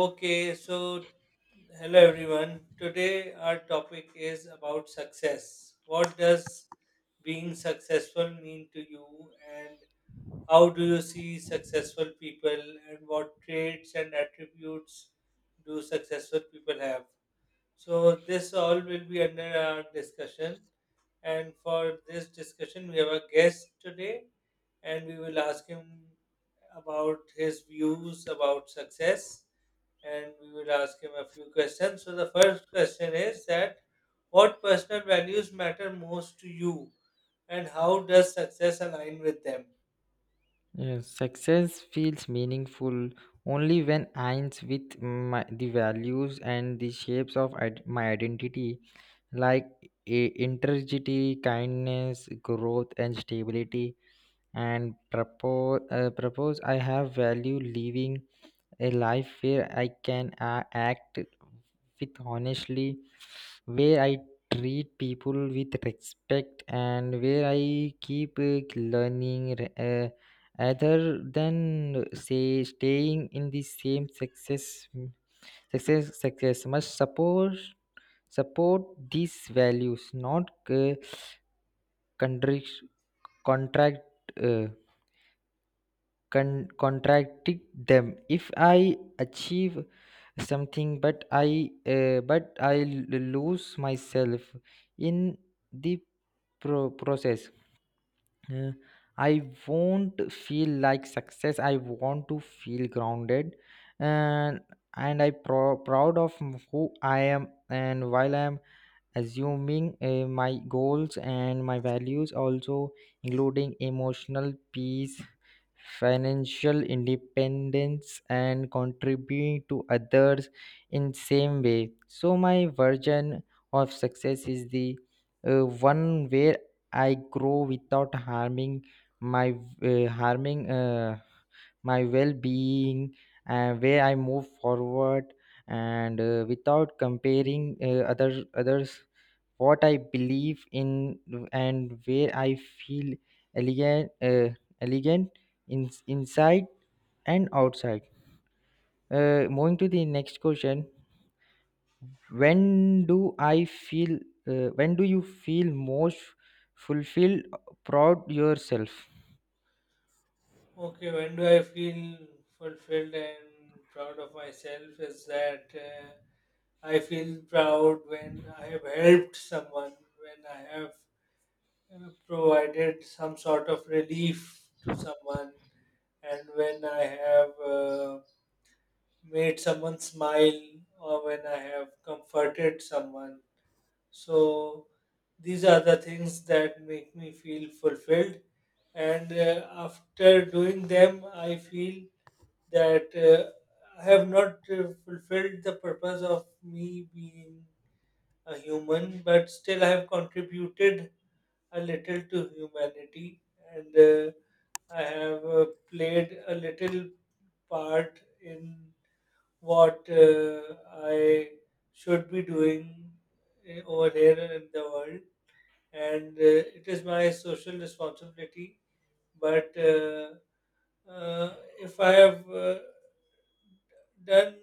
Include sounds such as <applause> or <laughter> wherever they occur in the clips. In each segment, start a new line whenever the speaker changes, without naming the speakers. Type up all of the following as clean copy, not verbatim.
Okay, so hello everyone. Today our topic is about success. What does being successful mean to you, and how do you see successful people, and what traits and attributes do successful people have? So, this all will be under our discussion. And for this discussion, we have a guest today, and we will ask him about his views about success and we will ask him a few questions. So, the first question is that what personal values matter most to you and how does success align with them?
Yes, success feels meaningful only when aligns with the values and the shapes of my identity, like integrity, kindness, growth, and stability. And propose, propose I have value living a life where I can act with honestly, where I treat people with respect and where I keep learning rather than say staying in the same success. Success must support these values, not contract contract uh, contradict them. If I achieve something but I lose myself in the process, Uh, I won't feel like success. I want to feel grounded and proud of who I am. And while I am assuming my goals and my values also including emotional peace, financial independence, and contributing to others in same way. So my version of success is the one where I grow without harming my uh, harming uh, my well-being, where I move forward and without comparing others, what I believe in, and where I feel elegant uh, elegant, inside and outside. Moving to the next question. When do i feel uh, when do you feel most fulfilled, proud yourself?
Okay, when do I feel fulfilled and proud of myself is that I feel proud when I have helped someone, when I have provided some sort of relief to someone, and when I have made someone smile or when I have comforted someone. So these are the things that make me feel fulfilled. And after doing them, I feel that I have not fulfilled the purpose of me being a human, but still I have contributed a little to humanity and I have played a little part in what I should be doing over here and in the world, and it is my social responsibility. But if I have done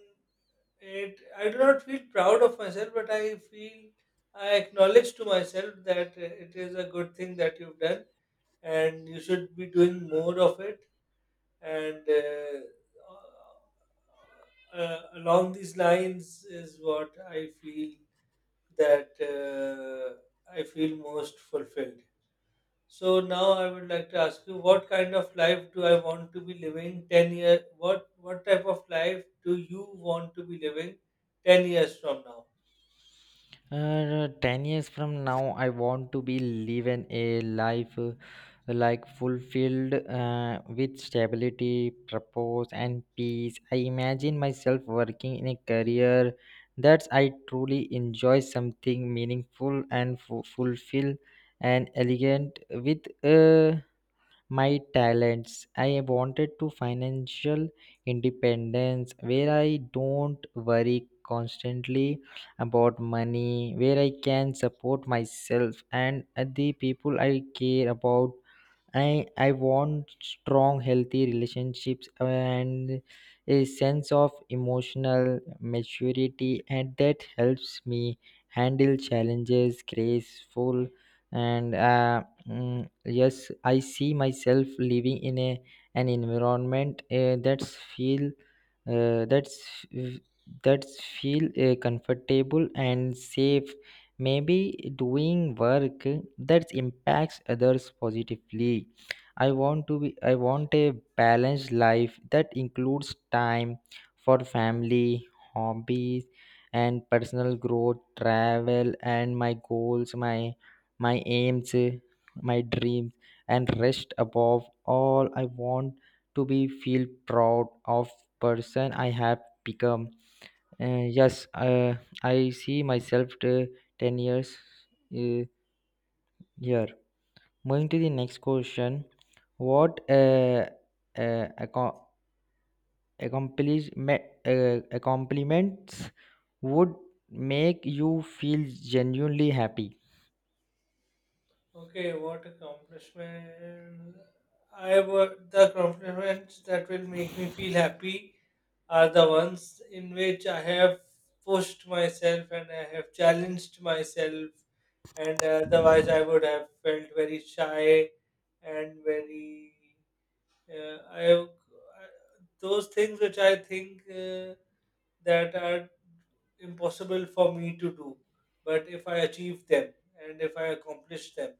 it, I do not feel proud of myself, but I feel I acknowledge to myself that it is a good thing that you've done, and you should be doing more of it. And along these lines is what I feel that I feel most fulfilled. So now I would like to ask you, what kind of life do I want to be living 10 years? What type of life do you want to be living 10 years from now?
10 years from now, I want to be living a life like fulfilled with stability, purpose, and peace. I imagine myself working in a career that I truly enjoy, something meaningful and fulfill and elegant with my talents. I wanted to financial independence where I don't worry constantly about money, where I can support myself and the people I care about. I want strong, healthy relationships and a sense of emotional maturity, and that helps me handle challenges graceful. And yes, I see myself living in a an environment uh, that's that's feel comfortable and safe, maybe doing work that impacts others positively. I want a balanced life that includes time for family, hobbies, and personal growth, travel, and my goals, my aims, my dreams, and rest. Above all, I want to be feel proud of person I have become. Yes, I see myself to 10 years uh, here. Moving to the next question. What uh, accom- accomplishments would make you feel genuinely happy?
Okay, what accomplishment? I would The accomplishments that will make me feel happy are the ones in which I have pushed myself and I have challenged myself, and otherwise I would have felt very shy and very. Uh, I, I Those things which I think that are impossible for me to do, but if I achieve them and if I accomplish them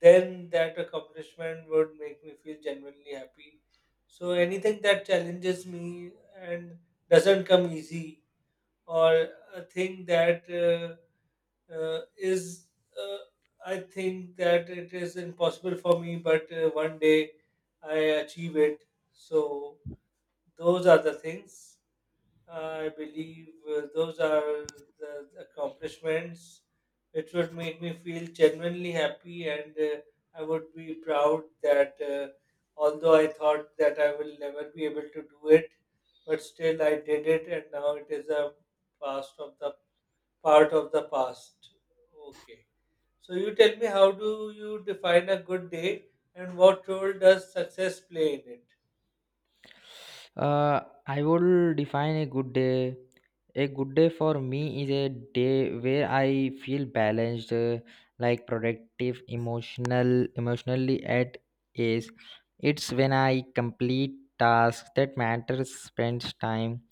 then that accomplishment would make me feel genuinely happy. So anything that challenges me and doesn't come easy, or a thing that uh, is, uh, I think that it is impossible for me, but one day I achieve it. So those are the things. I believe those are the accomplishments which would make me feel genuinely happy, and I would be proud that although I thought that I will never be able to do it, but still I did it, and now it is a past of the part of the past. Okay. So you tell me, how do you define a good day, and what role does success play in it?
Uh, I will define a good day. A good day for me is a day where I feel balanced, like productive, emotionally at ease. It's when I complete tasks that matter, spends time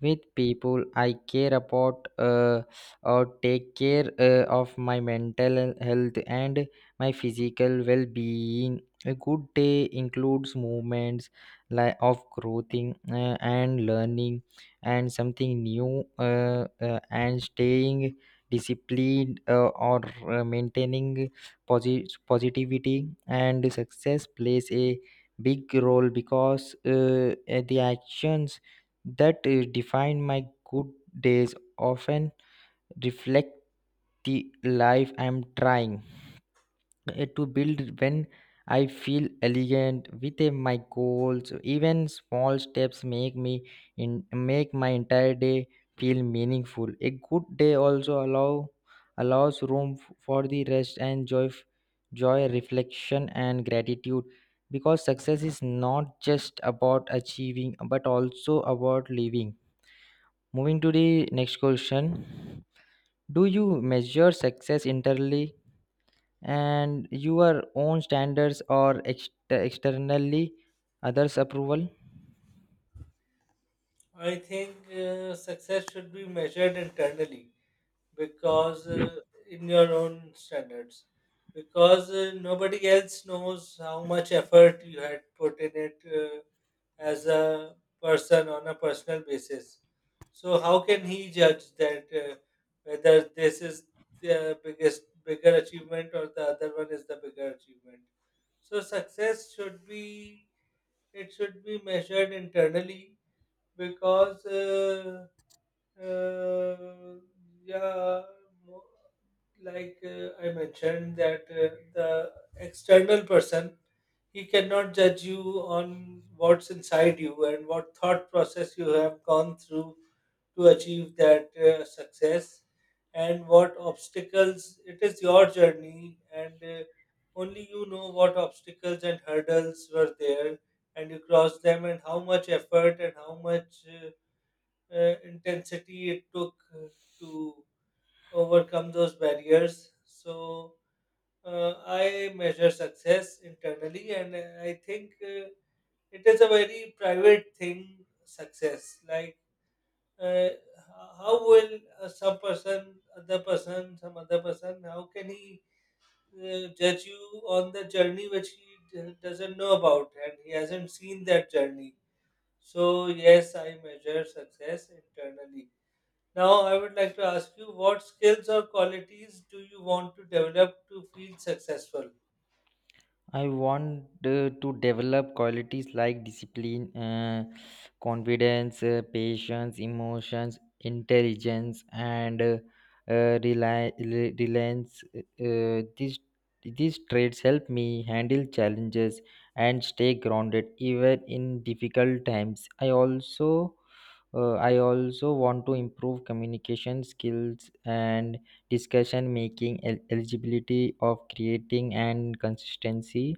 with people I care about, or take care of my mental health and my physical well being. A good day includes movements like of growing and learning and something new, and staying disciplined or maintaining positivity, and success plays a big role because the actions that define my good days often reflect the life I'm trying to build. When I feel elegant with my goals, even small steps make me in make my entire day feel meaningful. A good day also allows room for the rest and joy, joy, reflection, and gratitude. Because success is not just about achieving, but also about living. Moving to the next question. Do you measure success internally and your own standards, or externally others' approval?
I think success should be measured internally, because in your own standards, because nobody else knows how much effort you had put in it as a person on a personal basis, so how can he judge that whether this is the biggest bigger achievement or the other one is the bigger achievement? So success should be measured internally, because uh, yeah, like I mentioned, that the external person, he cannot judge you on what's inside you and what thought process you have gone through to achieve that success and what obstacles it is your journey, and only you know what obstacles and hurdles were there, and you crossed them, and how much effort and how much intensity it took to overcome those barriers. So I measure success internally, and I think it is a very private thing. Success, like, uh, how will some other person, how can he judge you on the journey which he doesn't know about and he hasn't seen that journey? So yes, I measure success internally. Now, I would like to ask you, what skills or qualities do you want to develop to feel successful?
I want to develop qualities like discipline, confidence, patience, emotions, intelligence, and reliance. These traits help me handle challenges and stay grounded even in difficult times. I also want to improve communication skills and discussion making, eligibility of creating and consistency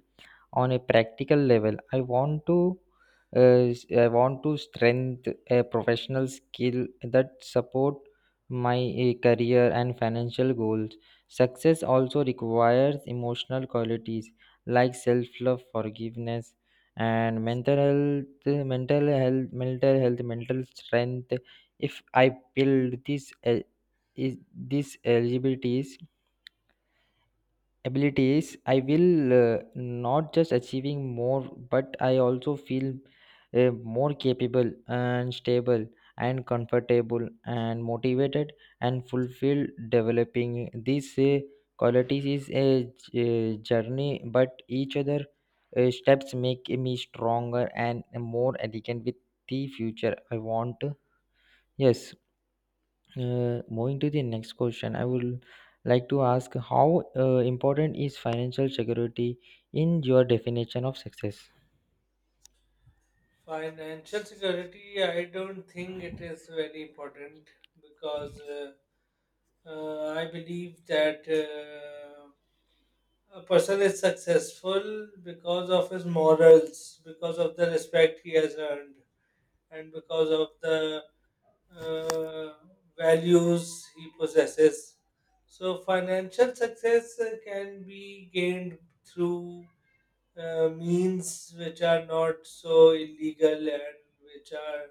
on a practical level. I want to strengthen a professional skill that support my career and financial goals. Success also requires emotional qualities like self love, forgiveness, and mental health, mental strength. If I build this el- is these eligibilities abilities, I will not just achieving more, but I also feel more capable and stable and comfortable and motivated and fulfilled. Developing these qualities is a a journey, but each other steps make me stronger and more elegant with the future I want. Yes, moving to the next question, I would like to ask, how important is financial security in your definition of success?
Financial security, I don't think it is very important, because I believe that a person is successful because of his morals, because of the respect he has earned, and because of the uh, values he possesses. So, financial success can be gained through means which are not so illegal and which are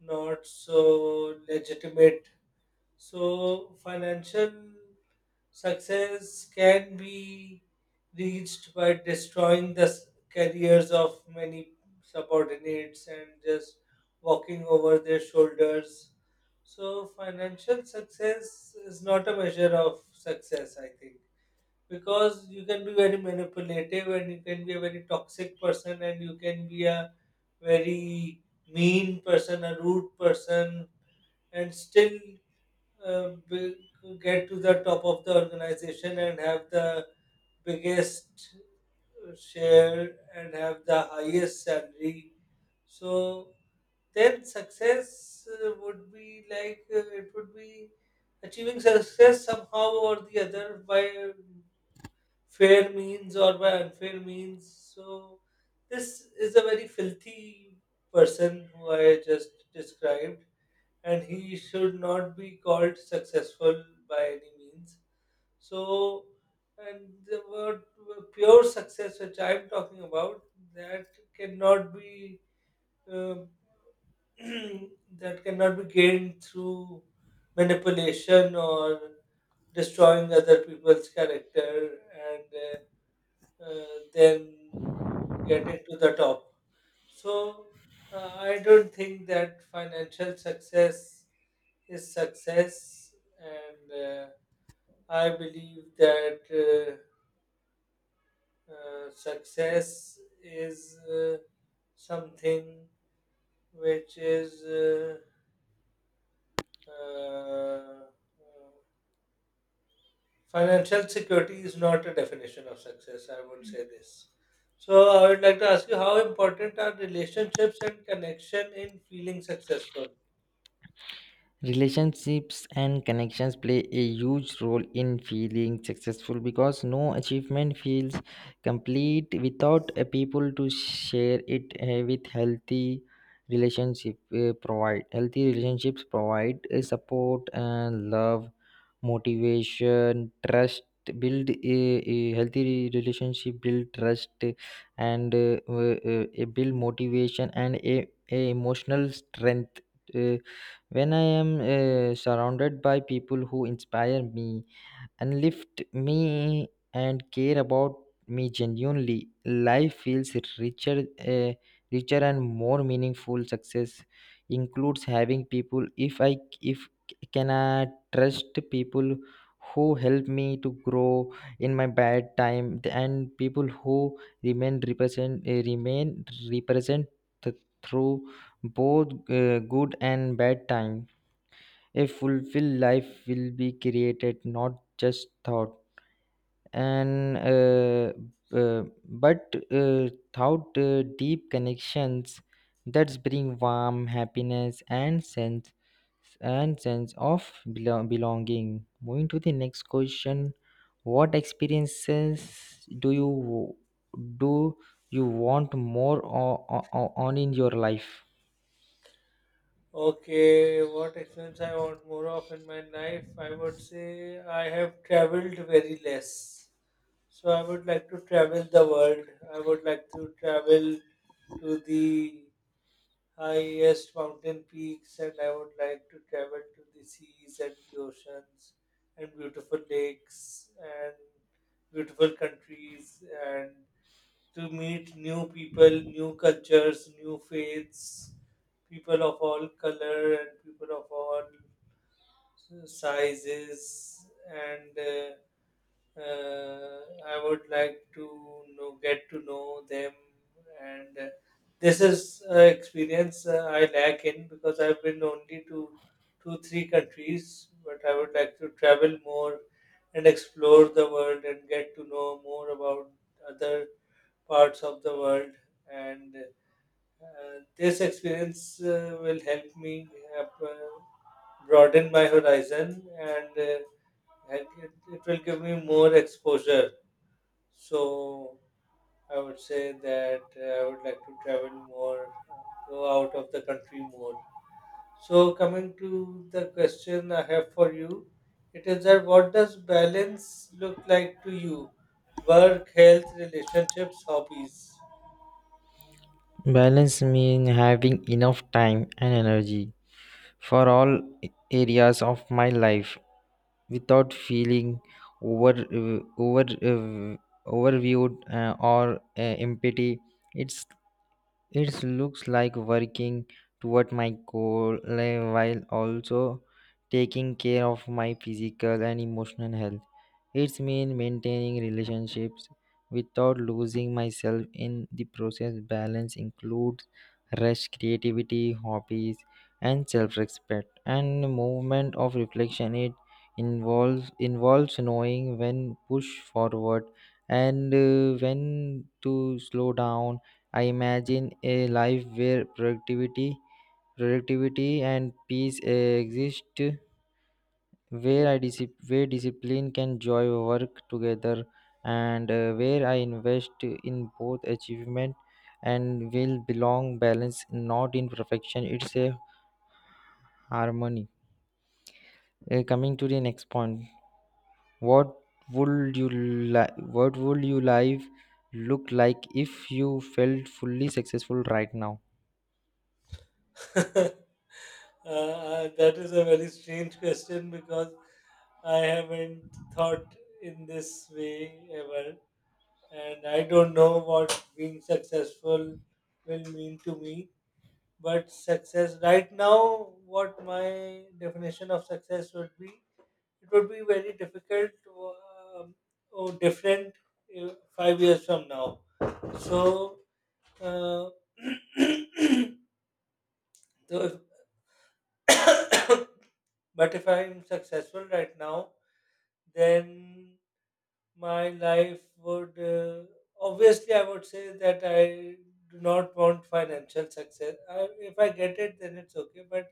not so legitimate. So, financial success can be reached by destroying the careers of many subordinates and just walking over their shoulders. So, financial success is not a measure of success, I think, because you can be very manipulative and you can be a very toxic person, and you can be a very mean person, a rude person, and still uh, big, get to the top of the organization and have the biggest share and have the highest salary. So then success would be like, it would be achieving success somehow or the other by fair means or by unfair means. So this is a very filthy person who I just described, and he should not be called successful by any means. So, and the word pure success, which I'm talking about, that cannot be um, <clears throat> that cannot be gained through manipulation or destroying other people's character and uh, uh, then getting to the top. So I don't think that financial success his success, and I believe that success is something which is uh, financial security is not a definition of success. I would say this. So I would like to ask you, how important are relationships and connection in feeling successful?
Relationships and connections play a huge role in feeling successful because no achievement feels complete without a people to share it with. Healthy relationships provide support and love, motivation, trust. A healthy relationship build trust and build motivation and a emotional strength. eh, when I am surrounded by people who inspire me and lift me and care about me genuinely, life feels richer, richer and more meaningful. Success includes having people. If I if Can I trust people who help me to grow in my bad time and people who remain represent th- through both good and bad time. A fulfilled life will be created not just thought and but thought deep connections that bring warm happiness and sense of belonging. Moving to the next question, what experiences do you want more on in your life?
Okay, what experience I want more of in my life? I would say I have traveled very less. So I would like to travel the world. I would like to travel to the highest mountain peaks, and I would like to travel to the seas and the oceans and beautiful lakes and beautiful countries, and to meet new people, new cultures, new faiths, people of all color and people of all sizes. And uh, I would like to know, get to know them. And this is experience I lack in, because I've been only to two, three countries, but I would like to travel more and explore the world and get to know more about other parts of the world, and this experience will help me uh, broaden my horizon and it, it will give me more exposure. So I would say that I would like to travel more, go out of the country more. So, coming to the question I have for you, it is that, what does balance look like to you? Work, health, relationships, hobbies?
Balance means having enough time and energy for all areas of my life without feeling over over overviewed or empty. it's it looks like working toward my goal like, while also taking care of my physical and emotional health. It's mean maintaining relationships without losing myself in the process. Balance includes rest, creativity, hobbies, and self-respect. And movement of reflection. It involves knowing when push forward and when to slow down. I imagine a life where productivity and peace exist, where discipline can joy work together, and where I invest in both achievement and will belong balance, not in perfection. It's a harmony. Coming to the next point, what what would your life look like if you felt fully successful right now?
<laughs> That is a very strange question, because I haven't thought in this way ever, and I don't know what being successful will mean to me. But success right now, what my definition of success would be, it would be very difficult or different 5 years from now. So, uh, <coughs> so if, <coughs> but if I'm successful right now, then my life would, obviously I would say that I do not want financial success. I, if I get it, then it's okay. But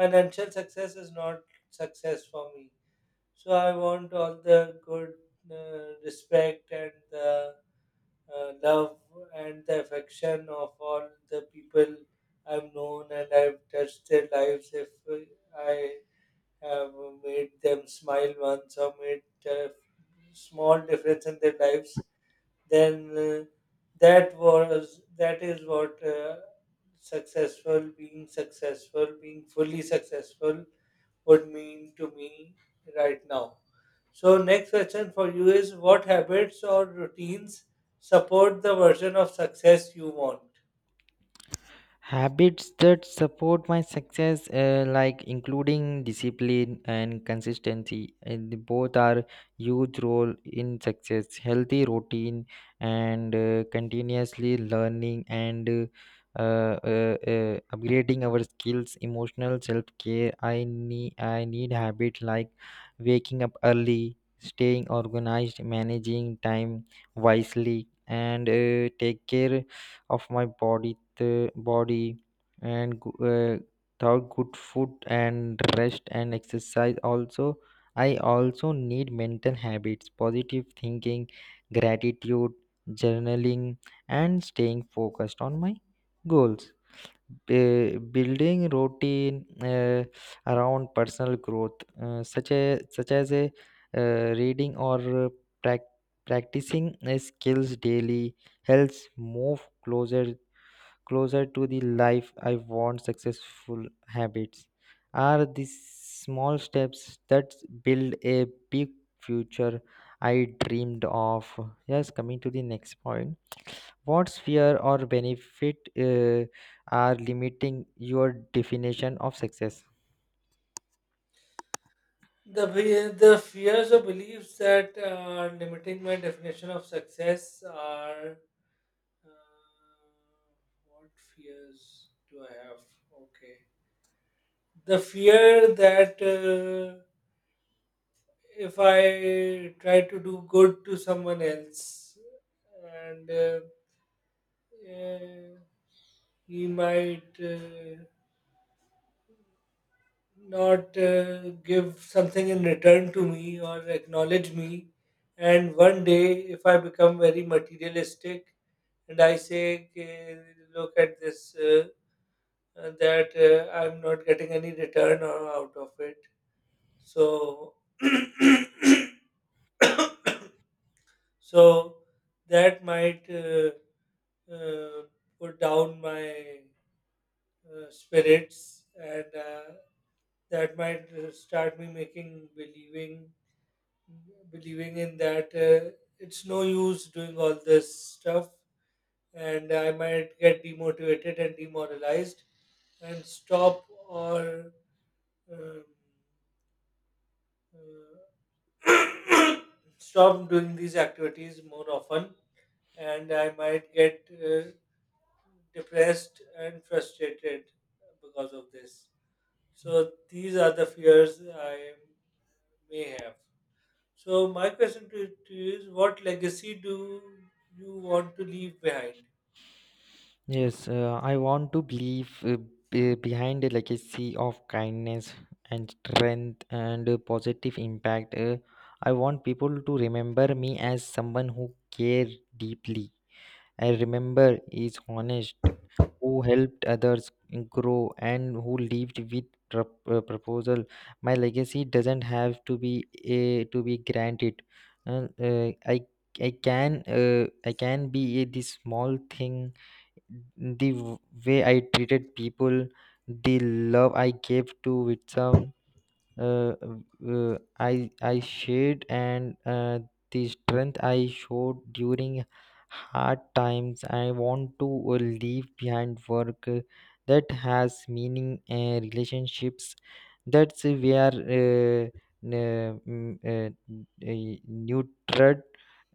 financial success is not success for me. So I want all the good respect and the love and the affection of all the people I've known and I've touched their lives. If I have made them smile once or made a small difference in their lives, then that is what being fully successful would mean to me right now. So next question for you is, what habits or routines support the version of success you want?
Habits that support my success, like including discipline and consistency, and the both are huge role in success. Healthy routine and continuously learning and upgrading our skills, emotional self care. I need habit like waking up early, staying organized, managing time wisely, and take care of my body the body and without good food and rest and exercise also. I also need mental habits, positive thinking, gratitude, journaling, and staying focused on my goals. Building routine around personal growth such as a reading or uh, prac- practicing skills daily helps move closer to the life I want. Successful habits are these small steps that build a big future I dreamed of. Yes, coming to the next point. What fear or benefit are limiting your definition of success?
The fears or beliefs that are limiting my definition of success are, Uh, what fears do I have? Okay. The fear that if I try to do good to someone else and uh, he might not give something in return to me or acknowledge me. And one day, if I become very materialistic and I say, "Okay, look at this. That I'm not getting any return or out of it." So, <coughs> <clears throat> so that might uh, put down my spirits, and that might start me making believing in that it's no use doing all this stuff, and I might get demotivated and demoralized and stop, or um, uh, stop doing these activities more often, and I might get depressed and frustrated because of this. So these are the fears I may have. So my question to you is, what legacy do you want to leave behind?
Yes, I want to believe behind like a legacy of kindness and strength and positive impact. I want people to remember me as someone who cared deeply. I remember is honest, who helped others grow, and who lived with proposal. My legacy doesn't have to be granted. Uh, uh, I I can be this small thing, the way I treated people, the love I gave to Witsam, uh, I shared and the strength I showed during hard times. I want to leave behind work that has meaning and relationships. That's where n- mm, uh, nurtured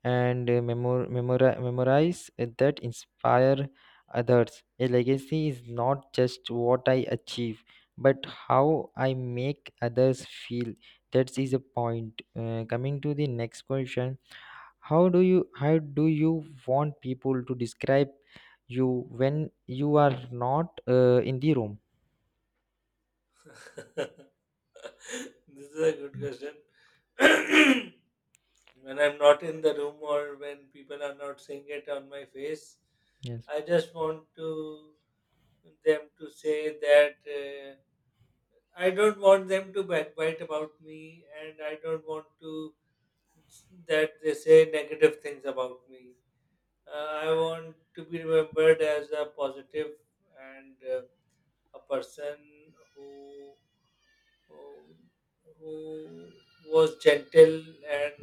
and memorize that inspire others. A legacy is not just what I achieve, but how I make others feel. That is a point. Coming to the next question, how do you want people to describe you when you are not in the room?
<laughs> This is a good question. <clears throat> When I'm not in the room, or when people are not seeing it on my face,
Yes.
I just want to them to say that I don't want them to backbite about me, and I don't want to that they say negative things about me. I want to be remembered as a positive and a person who, who who was gentle and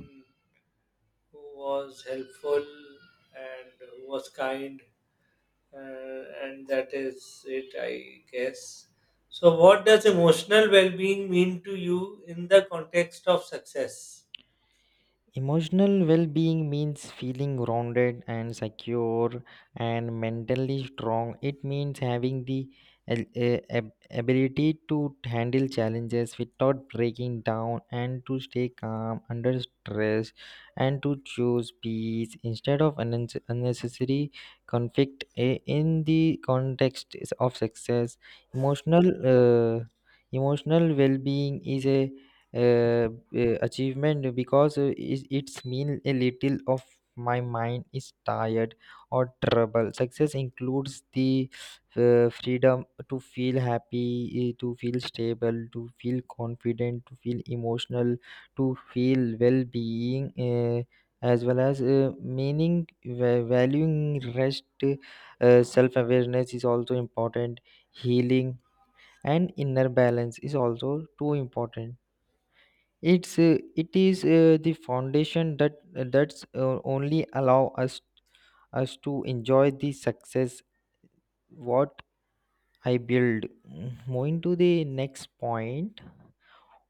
who was helpful and who was kind, and that is it, I guess. So, what does emotional well being mean to you in the context of success?
Emotional well being means feeling grounded and secure and mentally strong. It means having the al- a- ab- ability to handle challenges without breaking down and to stay calm under stress and to choose peace instead of unnecessary conflict. In the context is of success. Emotional, uh, Emotional well being is a achievement because it's mean a little of my mind is tired or trouble. Success includes the freedom to feel happy, to feel stable, to feel confident, to feel emotional, to feel well-being, uh, as well as meaning valuing rest. Self-awareness is also important, healing and inner balance is also too important. It is the foundation that that's only allow us us to enjoy the success what I build. Moving to the next point,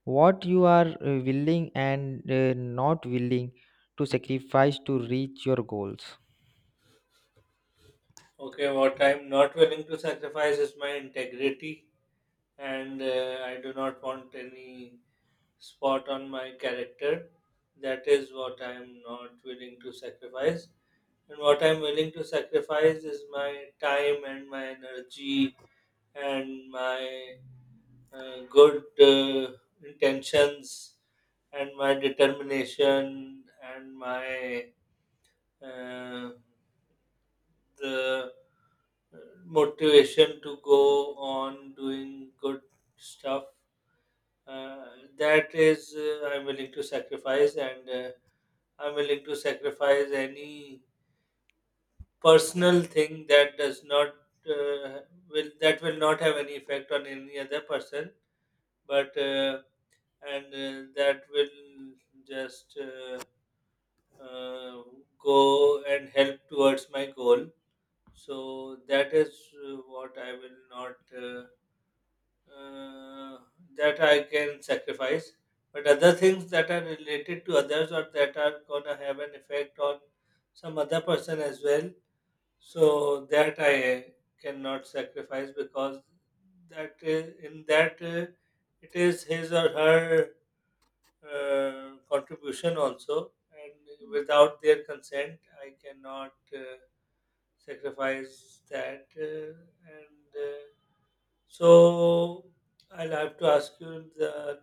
what you are willing and not willing to sacrifice to reach your goals.
Okay, what I'm not willing to sacrifice is my integrity, and I do not want any spot on my character. That is what I'm not willing to sacrifice. And what I'm willing to sacrifice is my time and my energy and my good intentions and my determination and my uh, the motivation to go on doing good stuff, uh, that is I'm willing to sacrifice. And I'm willing to sacrifice any personal thing that does not uh, will that will not have any effect on any other person, but and that will just uh, go and help towards my goal. So that is what I will not uh, that I can sacrifice. But other things that are related to others or that are gonna have an effect on some other person as well, so that I cannot sacrifice, because that, in that it is his or her contribution also, and without their consent, I cannot sacrifice that. And So, I'll have to ask you the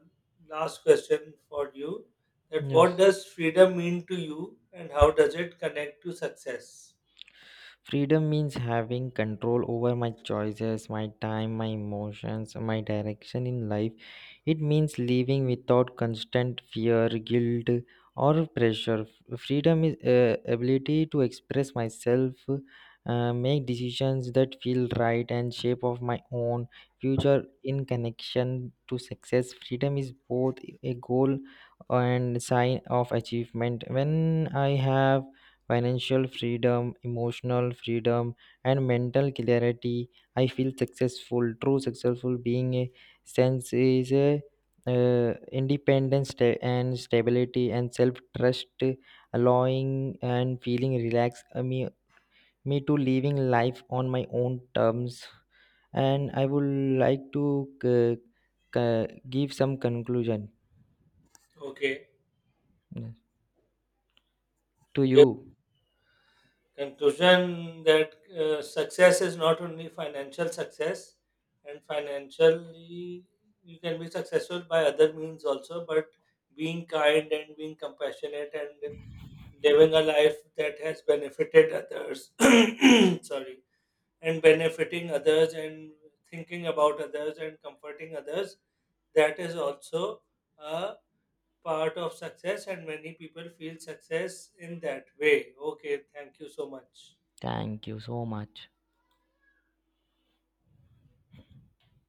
last question for you: that what
Yes.
does freedom mean to you, and how does it connect to success?
Freedom means having control over my choices, my time, my emotions, my direction in life. It means living without constant fear, guilt, or pressure. Freedom is ability to express myself, make decisions that feel right, and shape of my own future in connection to success. Freedom is both a goal and sign of achievement. When I have financial freedom, emotional freedom, and mental clarity, I feel successful. True successful being a sense is a independence, sta- and stability, and self trust, allowing and feeling relaxed me to living life on my own terms. And I would like to uh, give some conclusion
Okay,
uh, to you.
conclusion that success is not only financial success, and financially you can be successful by other means also, but being kind and being compassionate and living a life that has benefited others. <coughs> <clears throat> Sorry. And benefiting others and thinking about others and comforting others, that is also a part of success, and many people feel success in that way. Okay, thank you so much.
Thank you so much.